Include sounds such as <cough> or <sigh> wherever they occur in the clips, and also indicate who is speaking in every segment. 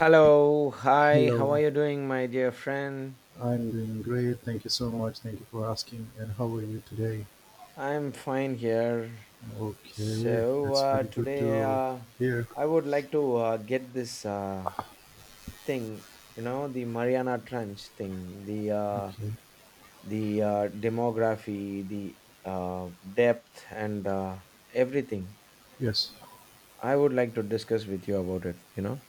Speaker 1: Hello, hi, how are
Speaker 2: Hello,
Speaker 1: you doing, my dear friend?
Speaker 2: I'm doing great. Thank you so much. Thank you for asking. And how are you today?
Speaker 1: I'm fine here.
Speaker 2: Okay,
Speaker 1: So,
Speaker 2: that's
Speaker 1: uh,
Speaker 2: very good
Speaker 1: today
Speaker 2: to
Speaker 1: uh,
Speaker 2: hear.
Speaker 1: I would like to get this thing, the Mariana Trench thing, the uh,
Speaker 2: Okay,
Speaker 1: the uh, demography, the depth, and everything.
Speaker 2: yes,
Speaker 1: I would like to discuss with you about it, you know?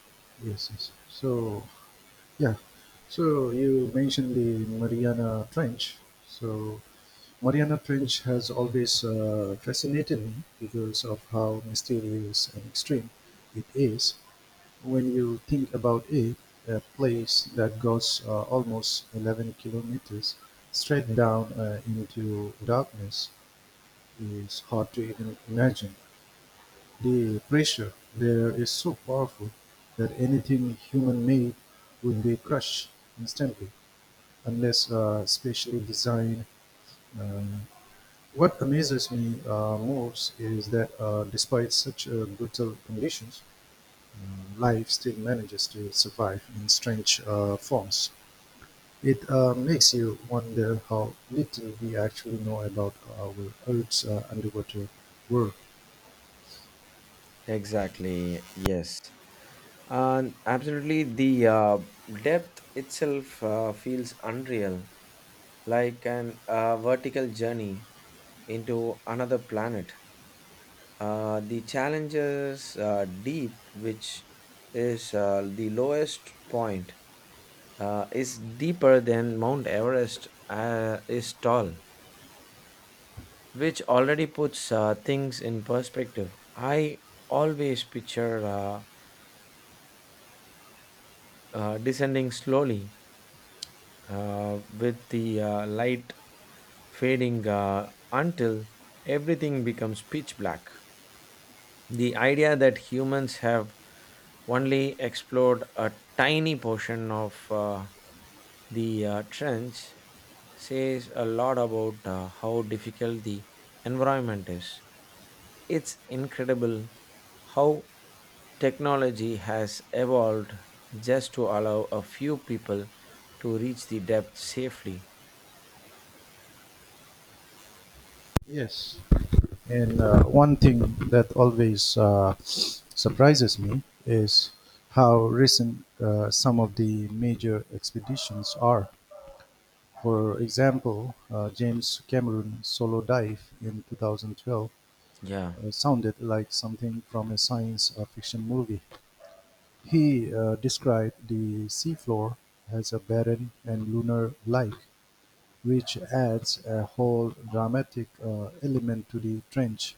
Speaker 2: yes, yes. Yeah, so you mentioned the Mariana Trench. So, Mariana Trench has always fascinated me because of how mysterious and extreme it is. When you think about it, a place that goes almost 11 kilometers straight down into darkness is hard to even imagine. The pressure there is so powerful that anything human made would be crushed instantly unless specially designed. Uh, what amazes me most is that despite such brutal conditions, life still manages to survive in strange forms. It makes you wonder how little we actually know about our Earth's underwater world.
Speaker 1: Exactly, yes. And absolutely, the depth itself feels unreal, like an vertical journey into another planet. The challenges deep, which is the lowest point, is deeper than Mount Everest is tall, which already puts things in perspective. I always picture descending slowly with the light fading until everything becomes pitch black. The idea that humans have only explored a tiny portion of the trench says a lot about how difficult the environment is. It's incredible how technology has evolved just to allow a few people to reach the depth safely.
Speaker 2: Yes. And one thing that always surprises me is how recent some of the major expeditions are. For example, James Cameron's solo dive in 2012
Speaker 1: Yeah.
Speaker 2: sounded like something from a science fiction movie. He described the seafloor as a barren and lunar-like, which adds a whole dramatic element to the trench.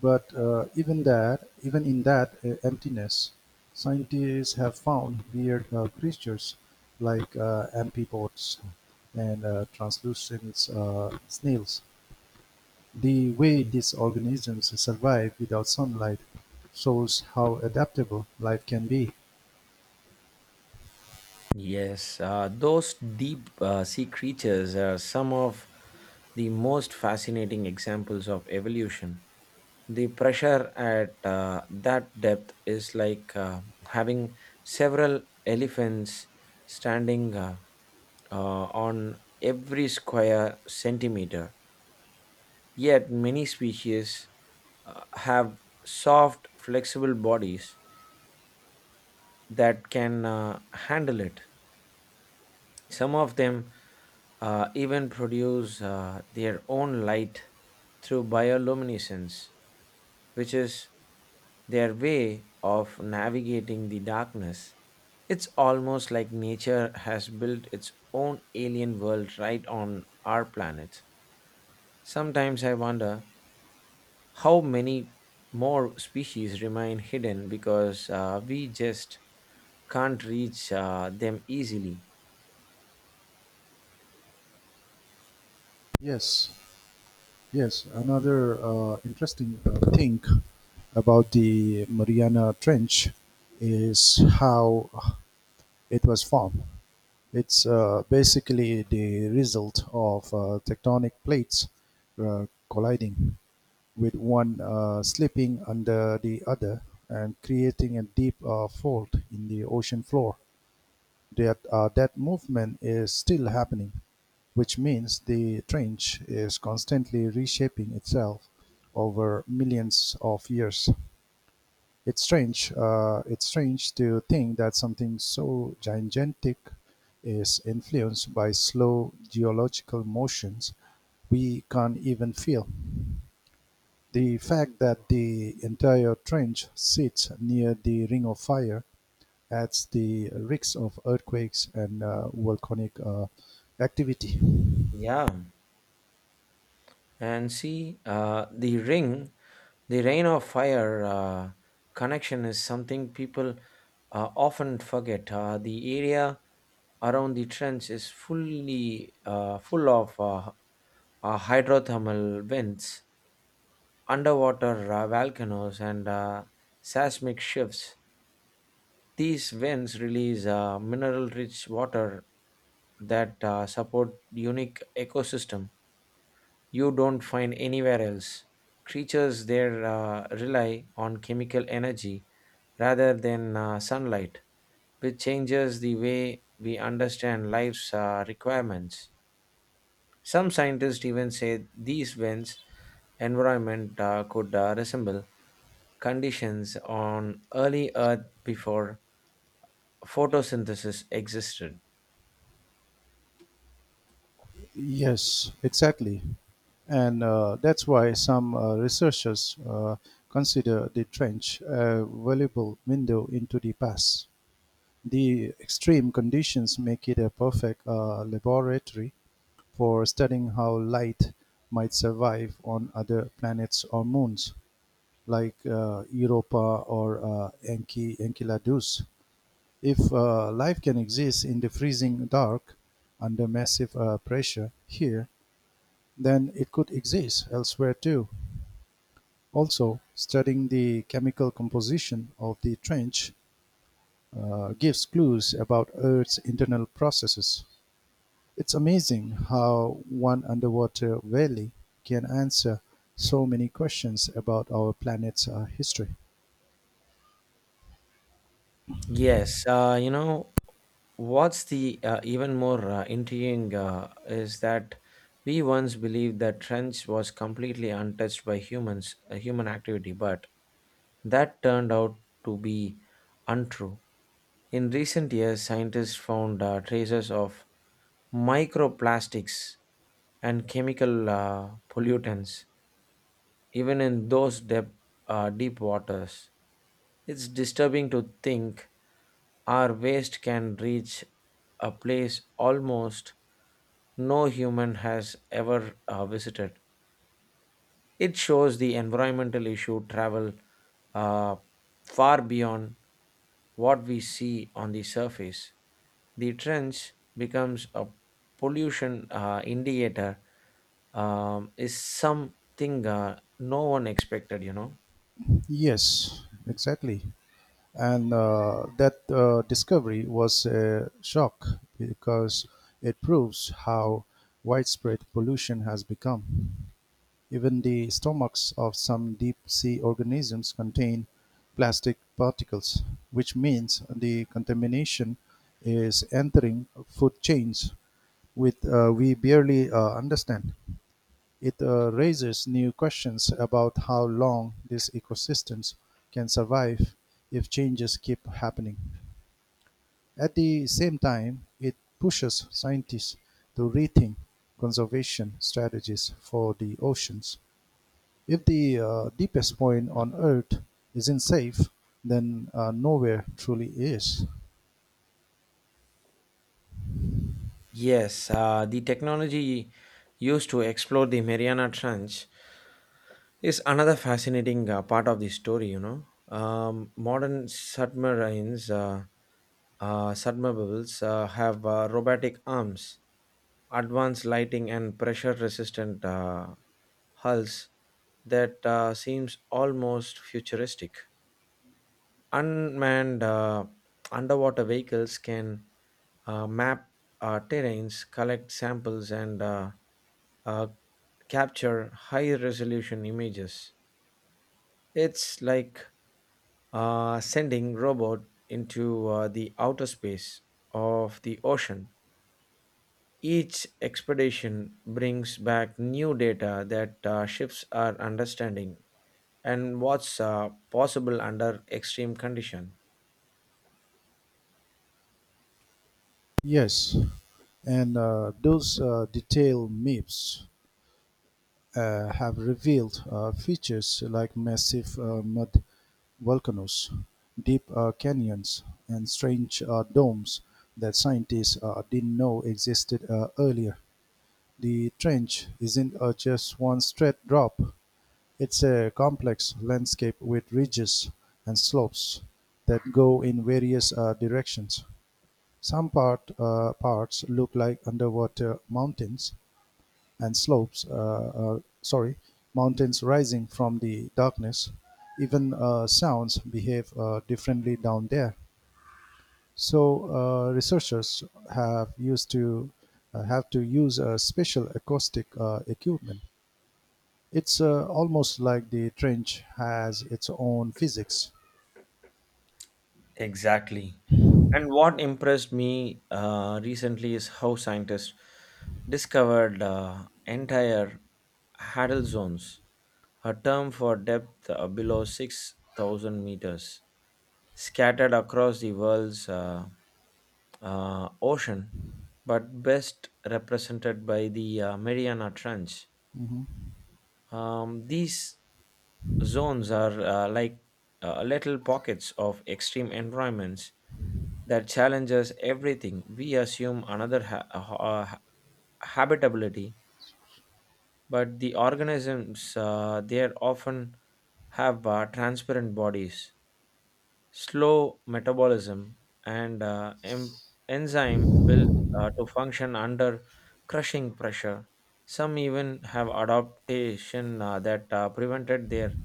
Speaker 2: But even in that emptiness, scientists have found weird creatures like amphipods and translucent snails. The way these organisms survive without sunlight shows how adaptable life can be.
Speaker 1: Yes, those deep sea creatures are some of the most fascinating examples of evolution. The pressure at that depth is like having several elephants standing on every square centimeter. Yet, many species have soft, flexible bodies that can handle it. Some of them even produce their own light through bioluminescence, which is their way of navigating the darkness. It's almost like nature has built its own alien world right on our planet. Sometimes I wonder how many more species remain hidden because we just can't reach them easily.
Speaker 2: Yes, Yes, another interesting thing about the Mariana Trench is how it was formed. It's basically the result of tectonic plates colliding, with one slipping under the other and creating a deep fold in the ocean floor. That movement is still happening, which means the trench is constantly reshaping itself over millions of years. It's strange to think that something so gigantic is influenced by slow geological motions we can't even feel. The fact that the entire trench sits near the Ring of Fire adds the risks of earthquakes and volcanic activity.
Speaker 1: Yeah. And see, the rain of fire connection is something people often forget. The area around the trench is full of hydrothermal vents, underwater volcanoes, and seismic shifts. These vents release mineral-rich water that support unique ecosystem you don't find anywhere else. Creatures there rely on chemical energy rather than sunlight, which changes the way we understand life's requirements. Some scientists even say these winds environment could resemble conditions on early Earth before photosynthesis existed.
Speaker 2: Yes, exactly. And that's why some researchers consider the trench a valuable window into the past. The extreme conditions make it a perfect laboratory for studying how light might survive on other planets or moons, like Europa or Enceladus. If life can exist in the freezing dark under massive pressure here, then it could exist elsewhere too. Also, studying the chemical composition of the trench gives clues about Earth's internal processes. It's amazing how one underwater valley can answer so many questions about our planet's history.
Speaker 1: Yes, what's the even more intriguing is that we once believed that trench was completely untouched by humans, human activity, but that turned out to be untrue. In recent years, scientists found traces of microplastics and chemical pollutants, even in those deep waters. It's disturbing to think our waste can reach a place almost no human has ever visited. It shows the environmental issue travel uh, far beyond what we see on the surface. The trench becomes a pollution indicator is something no one expected.
Speaker 2: Yes, exactly. And that discovery was a shock because it proves how widespread pollution has become. Even the stomachs of some deep sea organisms contain plastic particles, which means the contamination is entering food chains, with we barely understand. It raises new questions about how long these ecosystems can survive if changes keep happening. At the same time, it pushes scientists to rethink conservation strategies for the oceans. If the deepest point on Earth isn't safe, then nowhere truly is.
Speaker 1: Yes, the technology used to explore the Mariana Trench is another fascinating part of the story. Modern submarines, submersibles, have robotic arms, advanced lighting, and pressure-resistant hulls that seems almost futuristic. Unmanned underwater vehicles can map terrains, collect samples, and uh, capture high-resolution images. It's like sending robot into the outer space of the ocean. Each expedition brings back new data that ships are understanding and what's possible under extreme condition.
Speaker 2: Yes, and those detailed maps have revealed features like massive mud volcanoes, deep canyons, and strange domes that scientists didn't know existed earlier. The trench isn't just one straight drop, it's a complex landscape with ridges and slopes that go in various directions. Some parts look like underwater mountains, and slopes, uh, uh, sorry, mountains rising from the darkness. Even sounds behave differently down there. So uh, researchers have used to uh, have to use a special acoustic equipment. It's almost like the trench has its own physics.
Speaker 1: Exactly. And what impressed me recently is how scientists discovered entire Hadal zones, a term for depth below 6,000 meters scattered across the world's ocean, but best represented by the Mariana Trench.
Speaker 2: Mhm.
Speaker 1: These zones are like little pockets of extreme environments that challenges everything. We assume another habitability, but the organisms there often have transparent bodies, slow metabolism, and enzyme built to function under crushing pressure. Some even have adaptation that prevented their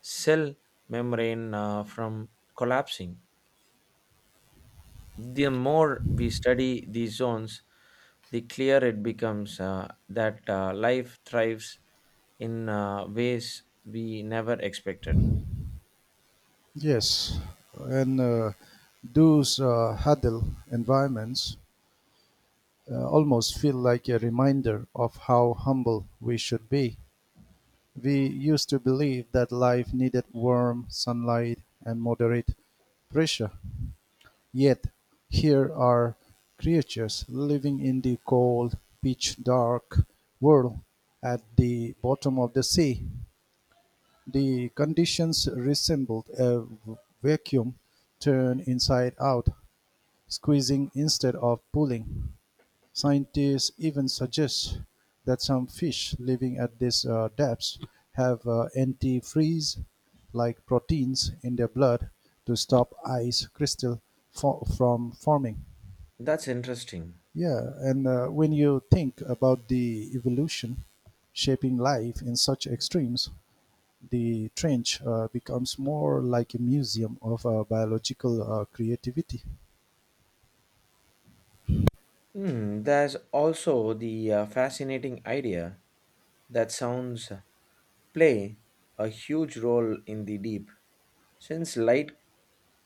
Speaker 1: cell membrane from collapsing. The more we study these zones, the clearer it becomes that life thrives in ways we never expected.
Speaker 2: Yes, and those huddle environments almost feel like a reminder of how humble we should be. We used to believe that life needed warm sunlight and moderate pressure. Yet here are creatures living in the cold, pitch dark world at the bottom of the sea. The conditions resembled a v- vacuum turned inside out. Squeezing instead of pulling, scientists even suggest that some fish living at these depths have antifreeze-like proteins in their blood to stop ice crystal fo- from forming.
Speaker 1: That's interesting.
Speaker 2: Yeah, and when you think about the evolution shaping life in such extremes, the trench becomes more like a museum of biological creativity.
Speaker 1: There's also the fascinating idea that sounds play a huge role in the deep. Since light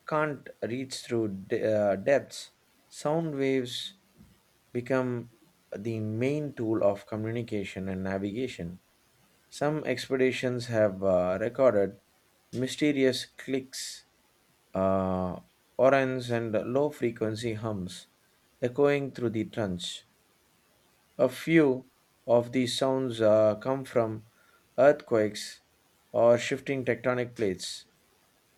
Speaker 1: can't reach through depths, sound waves become the main tool of communication and navigation. Some expeditions have recorded mysterious clicks, uh, orans, and low frequency hums echoing through the trench. A few of these sounds come from earthquakes or shifting tectonic plates,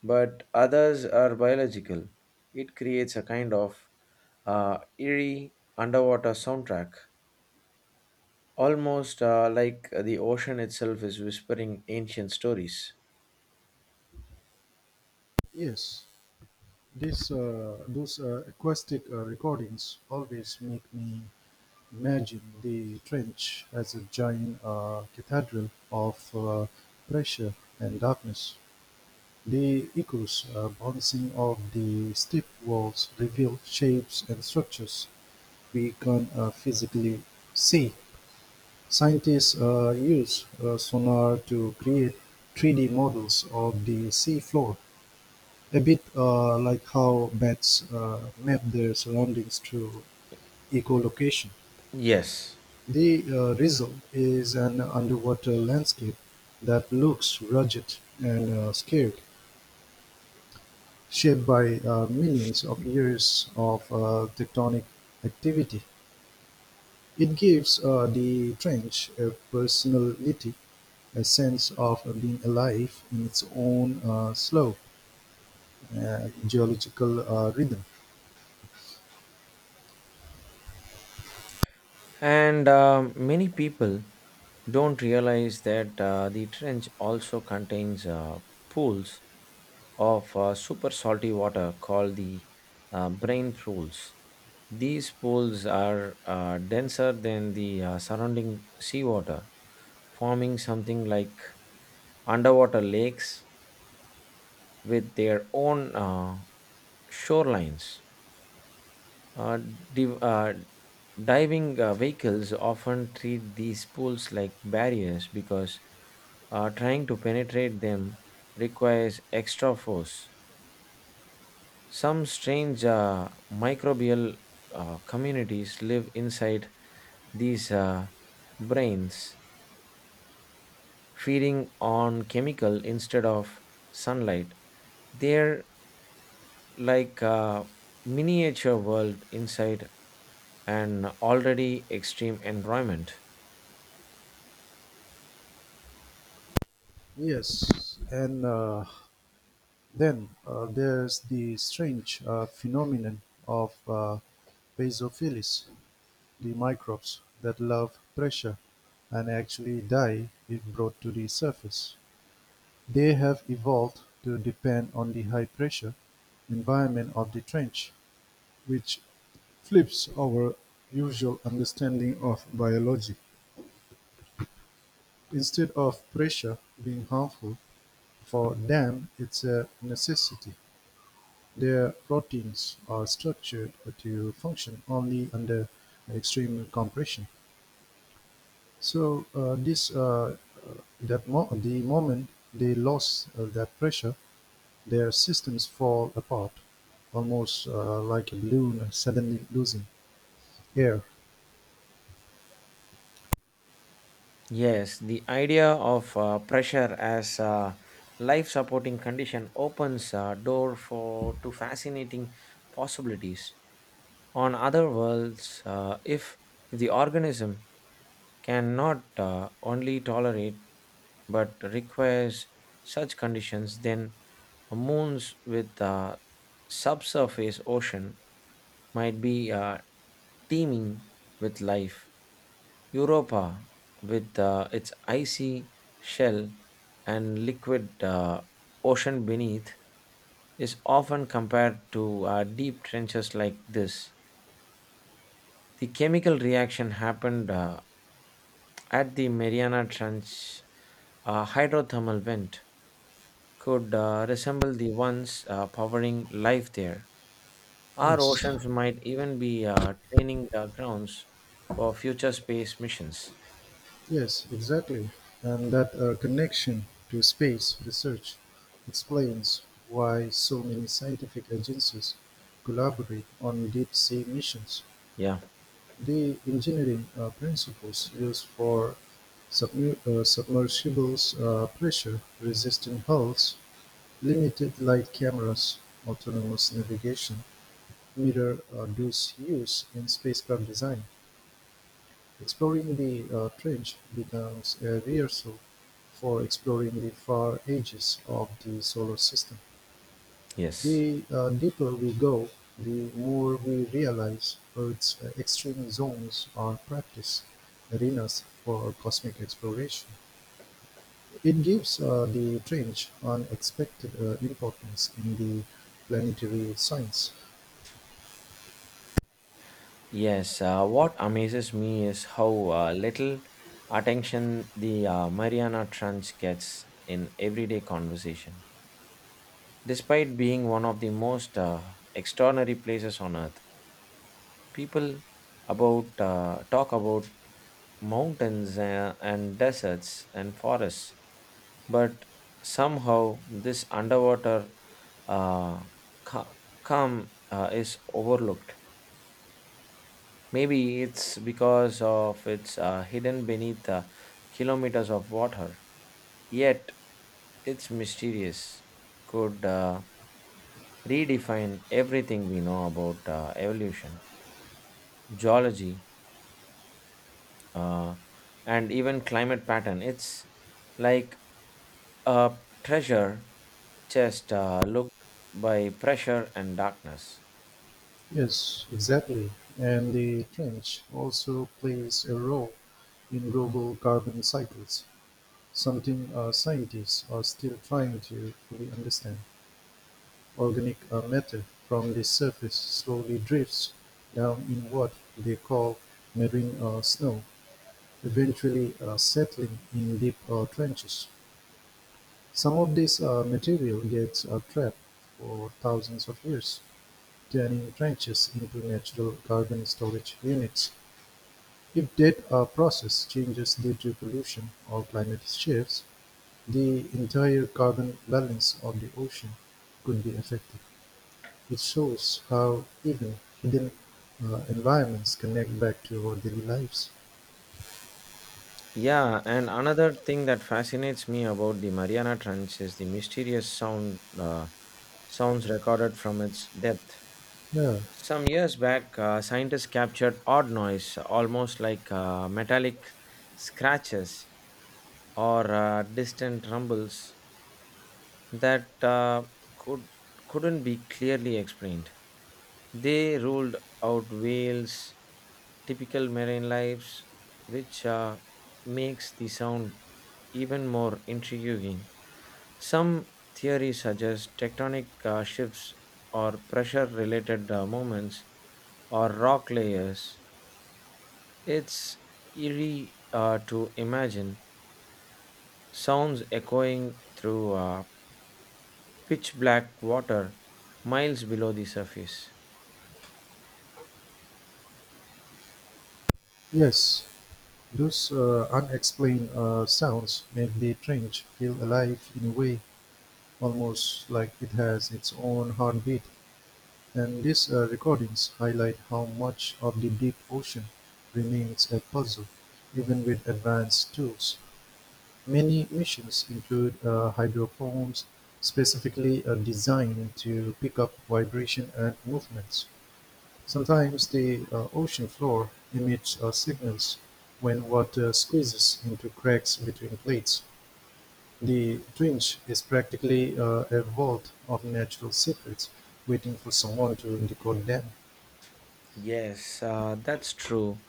Speaker 1: but others are biological. It creates a kind of eerie underwater soundtrack, almost like the ocean itself is whispering ancient stories.
Speaker 2: Yes. This, those acoustic recordings always make me imagine the trench as a giant cathedral of pressure and darkness. The echoes bouncing off the steep walls reveal shapes and structures we can't physically see. Scientists use sonar to create 3D models of the sea floor a bit like how bats map their surroundings through echolocation,
Speaker 1: Yes,
Speaker 2: the result is an underwater landscape that looks rugged and scared, shaped by millions of years of tectonic activity. It gives the trench a personality, a sense of being alive in its own slow geological rhythm.
Speaker 1: and many people don't realize that the trench also contains pools of super salty water called the brain pools. These pools are denser than the surrounding seawater, forming something like underwater lakes with their own shorelines. Uh, div- uh, diving vehicles often treat these pools like barriers because trying to penetrate them requires extra force. Some strange microbial communities live inside these brains, feeding on chemical instead of sunlight. They're like a miniature world inside an already extreme environment.
Speaker 2: Yes, and then there's the strange phenomenon of basophils, the microbes that love pressure and actually die if brought to the surface. They have evolved to depend on the high pressure environment of the trench, which flips our usual understanding of biology. Instead of pressure being harmful, for them it's a necessity. Their proteins are structured to function only under extreme compression. So the moment they lose that pressure, their systems fall apart, almost like a balloon suddenly losing air.
Speaker 1: Yes, the idea of pressure as a life supporting condition opens a door for to fascinating possibilities on other worlds if the organism cannot only tolerate but requires such conditions, then moons with a subsurface ocean might be teeming with life. Europa, with its icy shell and liquid ocean beneath, is often compared to deep trenches like this. The chemical reaction happened at the Mariana Trench. A hydrothermal vent could resemble the ones powering life there. Our
Speaker 2: Yes,
Speaker 1: oceans might even be training grounds for future space missions.
Speaker 2: yes, exactly. And that connection to space research explains why so many scientific agencies collaborate on deep sea missions.
Speaker 1: Yeah,
Speaker 2: The engineering principles used for submersibles are pressure-resistant hulls, limited light cameras, autonomous navigation, mirror-dose use in spacecraft design. Exploring the trench becomes a rehearsal for exploring the far edges of the Solar System.
Speaker 1: yes.
Speaker 2: The deeper we go, the more we realize Earth's extreme zones are practice arenas for cosmic exploration. It gives the Trench unexpected importance in the planetary science.
Speaker 1: Yes, what amazes me is how little attention the Mariana Trench gets in everyday conversation. Despite being one of the most extraordinary places on earth, people about talk about mountains and deserts and forests, but somehow this underwater uh, ca- calm is overlooked. Maybe it's because of it's hidden beneath kilometers of water. Yet it's mysterious. Could redefine everything we know about evolution, geology, uh, and even climate pattern. It's like a treasure chest looked by pressure and darkness.
Speaker 2: Yes, exactly. And the Trench also plays a role in global carbon cycles, something scientists are still trying to fully understand. Organic matter from the surface slowly drifts down in what they call marine snow, eventually settling in deep trenches. Some of this material gets trapped for thousands of years, turning trenches into natural carbon storage units. If that process changes due to pollution or climate shifts, the entire carbon balance of the ocean could be affected. It shows how even hidden environments connect back to our daily lives.
Speaker 1: Yeah, and another thing that fascinates me about the Mariana Trench is the mysterious sounds recorded from its depth.
Speaker 2: Yeah,
Speaker 1: Some years back, scientists captured odd noise, almost like metallic scratches or distant rumbles, that could couldn't be clearly explained. They ruled out whales, typical marine lives, which makes the sound even more intriguing. Some theories suggest tectonic shifts or pressure related movements or rock layers. It's eerie to imagine sounds echoing through pitch black water miles below the surface.
Speaker 2: yes, those unexplained sounds make the trench feel alive in a way, almost like it has its own heartbeat. And these recordings highlight how much of the deep ocean remains a puzzle, even with advanced tools. Many missions include hydrophones specifically designed to pick up vibration and movements. Sometimes the ocean floor emits signals when water squeezes into cracks between plates. The twinge is practically a vault of natural secrets waiting for someone to decode them.
Speaker 1: Yes, that's true.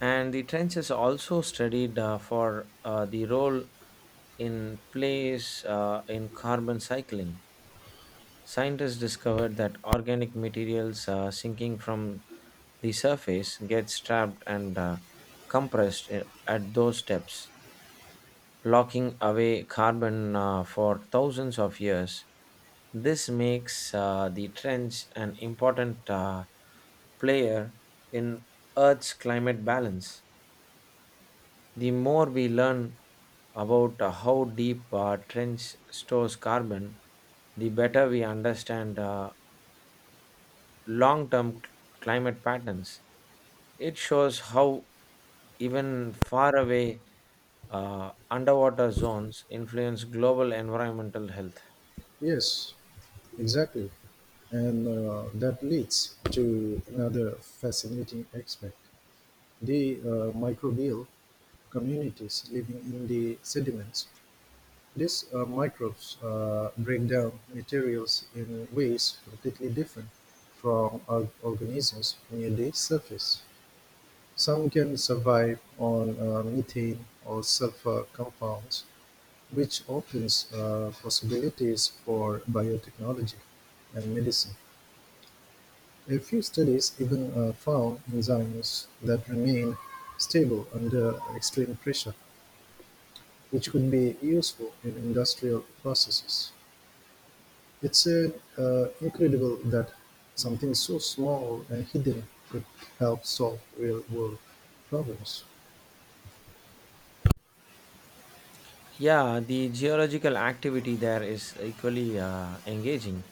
Speaker 1: And the trenches also studied for the role in plays in carbon cycling. Scientists discovered that organic materials sinking from the surface get trapped and compressed at those depths, locking away carbon for thousands of years. This makes the trench an important player in Earth's climate balance. The more we learn about how deep trench stores carbon, the better we understand long term climate patterns. It shows how even far away underwater zones influence global environmental health.
Speaker 2: Yes, exactly. And that leads to another fascinating aspect, the microbial communities living in the sediments. These microbes break down materials in ways completely different from organisms near the surface. Some can survive on methane or sulfur compounds, which opens possibilities for biotechnology and medicine. A few studies even found enzymes that remain stable under extreme pressure, which could be useful in industrial processes. It's incredible that something so small and hidden could help solve real world problems.
Speaker 1: Yeah, the geological activity there is equally engaging.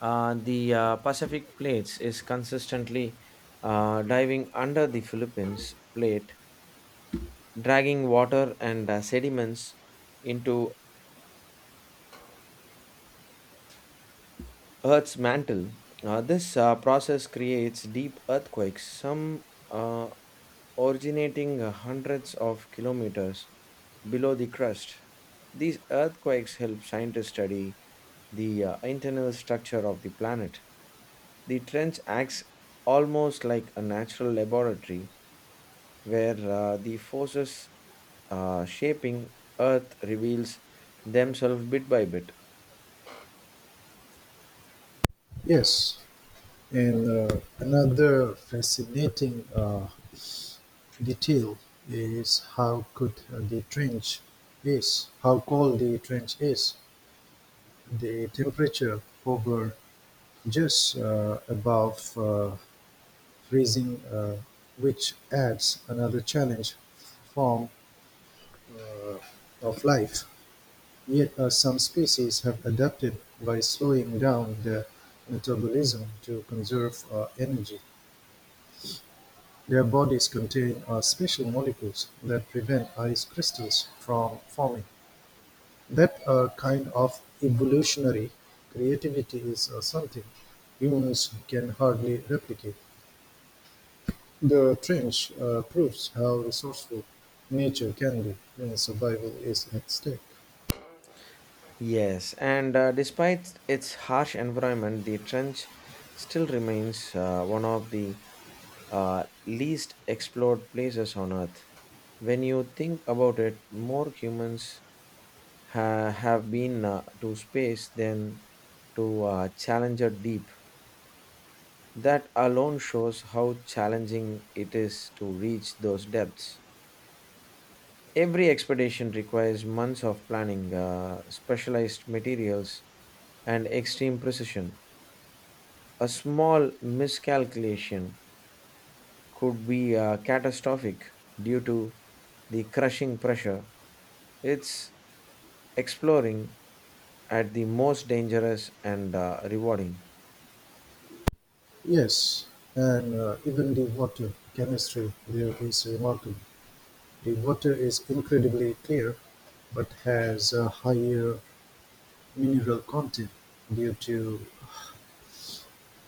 Speaker 1: The Pacific plates is consistently diving under the Philippines plate, dragging water and sediments into Earth's mantle. This process creates deep earthquakes, some originating hundreds of kilometers below the crust. These earthquakes help scientists study the internal structure of the planet. The trench acts almost like a natural laboratory where the forces shaping Earth reveals themselves bit by bit.
Speaker 2: Yes, and another fascinating detail is how cold the trench is. The temperature hover just above raising, which adds another challenge form uh, of life. Yet some species have adapted by slowing down their metabolism to conserve energy. Their bodies contain special molecules that prevent ice crystals from forming. That kind of evolutionary creativity is something humans can hardly replicate. The trench proves how resourceful nature can be when survival is at stake.
Speaker 1: Yes, and despite its harsh environment, the trench still remains one of the least explored places on Earth. When you think about it, more humans have been to space than to Challenger Deep. That alone shows how challenging it is to reach those depths. Every expedition requires months of planning, specialized materials, and extreme precision. A small miscalculation could be catastrophic due to the crushing pressure. It's exploring at the most dangerous and rewarding.
Speaker 2: Yes, and even the water chemistry there is remarkable. The water is incredibly clear but has a higher mineral content due to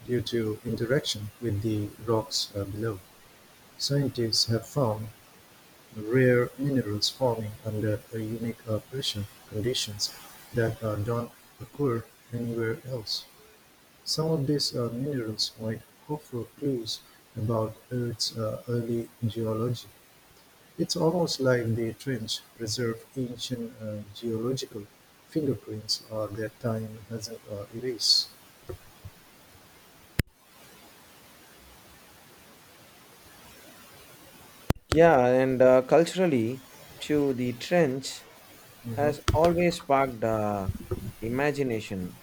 Speaker 2: due to interaction with the rocks below. Scientists have found rare minerals forming under a unique operation conditions that don't occur anywhere else. Some of these minerals might offer clues about Earth's early geology. It's almost like the trench preserved ancient geological fingerprints that time hasn't erased.
Speaker 1: Yeah, and culturally, too, the trench has
Speaker 2: Mhm.
Speaker 1: always sparked imagination,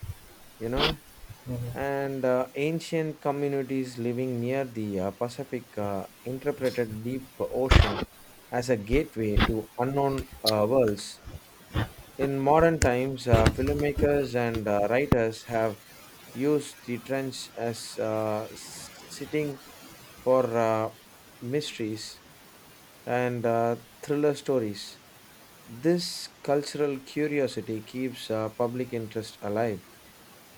Speaker 1: you know,
Speaker 2: Mhm.
Speaker 1: and ancient communities living near the Pacific interpreted deep ocean as a gateway to unknown worlds. In modern times, filmmakers and writers have used the trench as setting for mysteries and thriller stories. This cultural curiosity keeps public interest alive,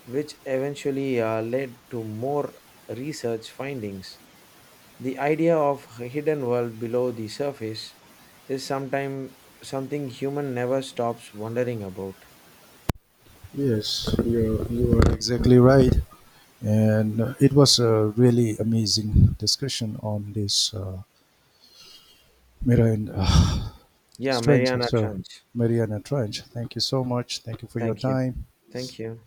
Speaker 1: which eventually led to more research findings. The idea of a hidden world below the surface is sometime something human never stops wondering about.
Speaker 2: Yes, you are exactly right, and it was a really amazing discussion on this Mariana <sighs>
Speaker 1: Yeah,
Speaker 2: Trench.
Speaker 1: Mariana
Speaker 2: So
Speaker 1: Trench.
Speaker 2: Mariana Trench, thank you so much. Thank you for your
Speaker 1: Thank you.
Speaker 2: time.
Speaker 1: Thank you.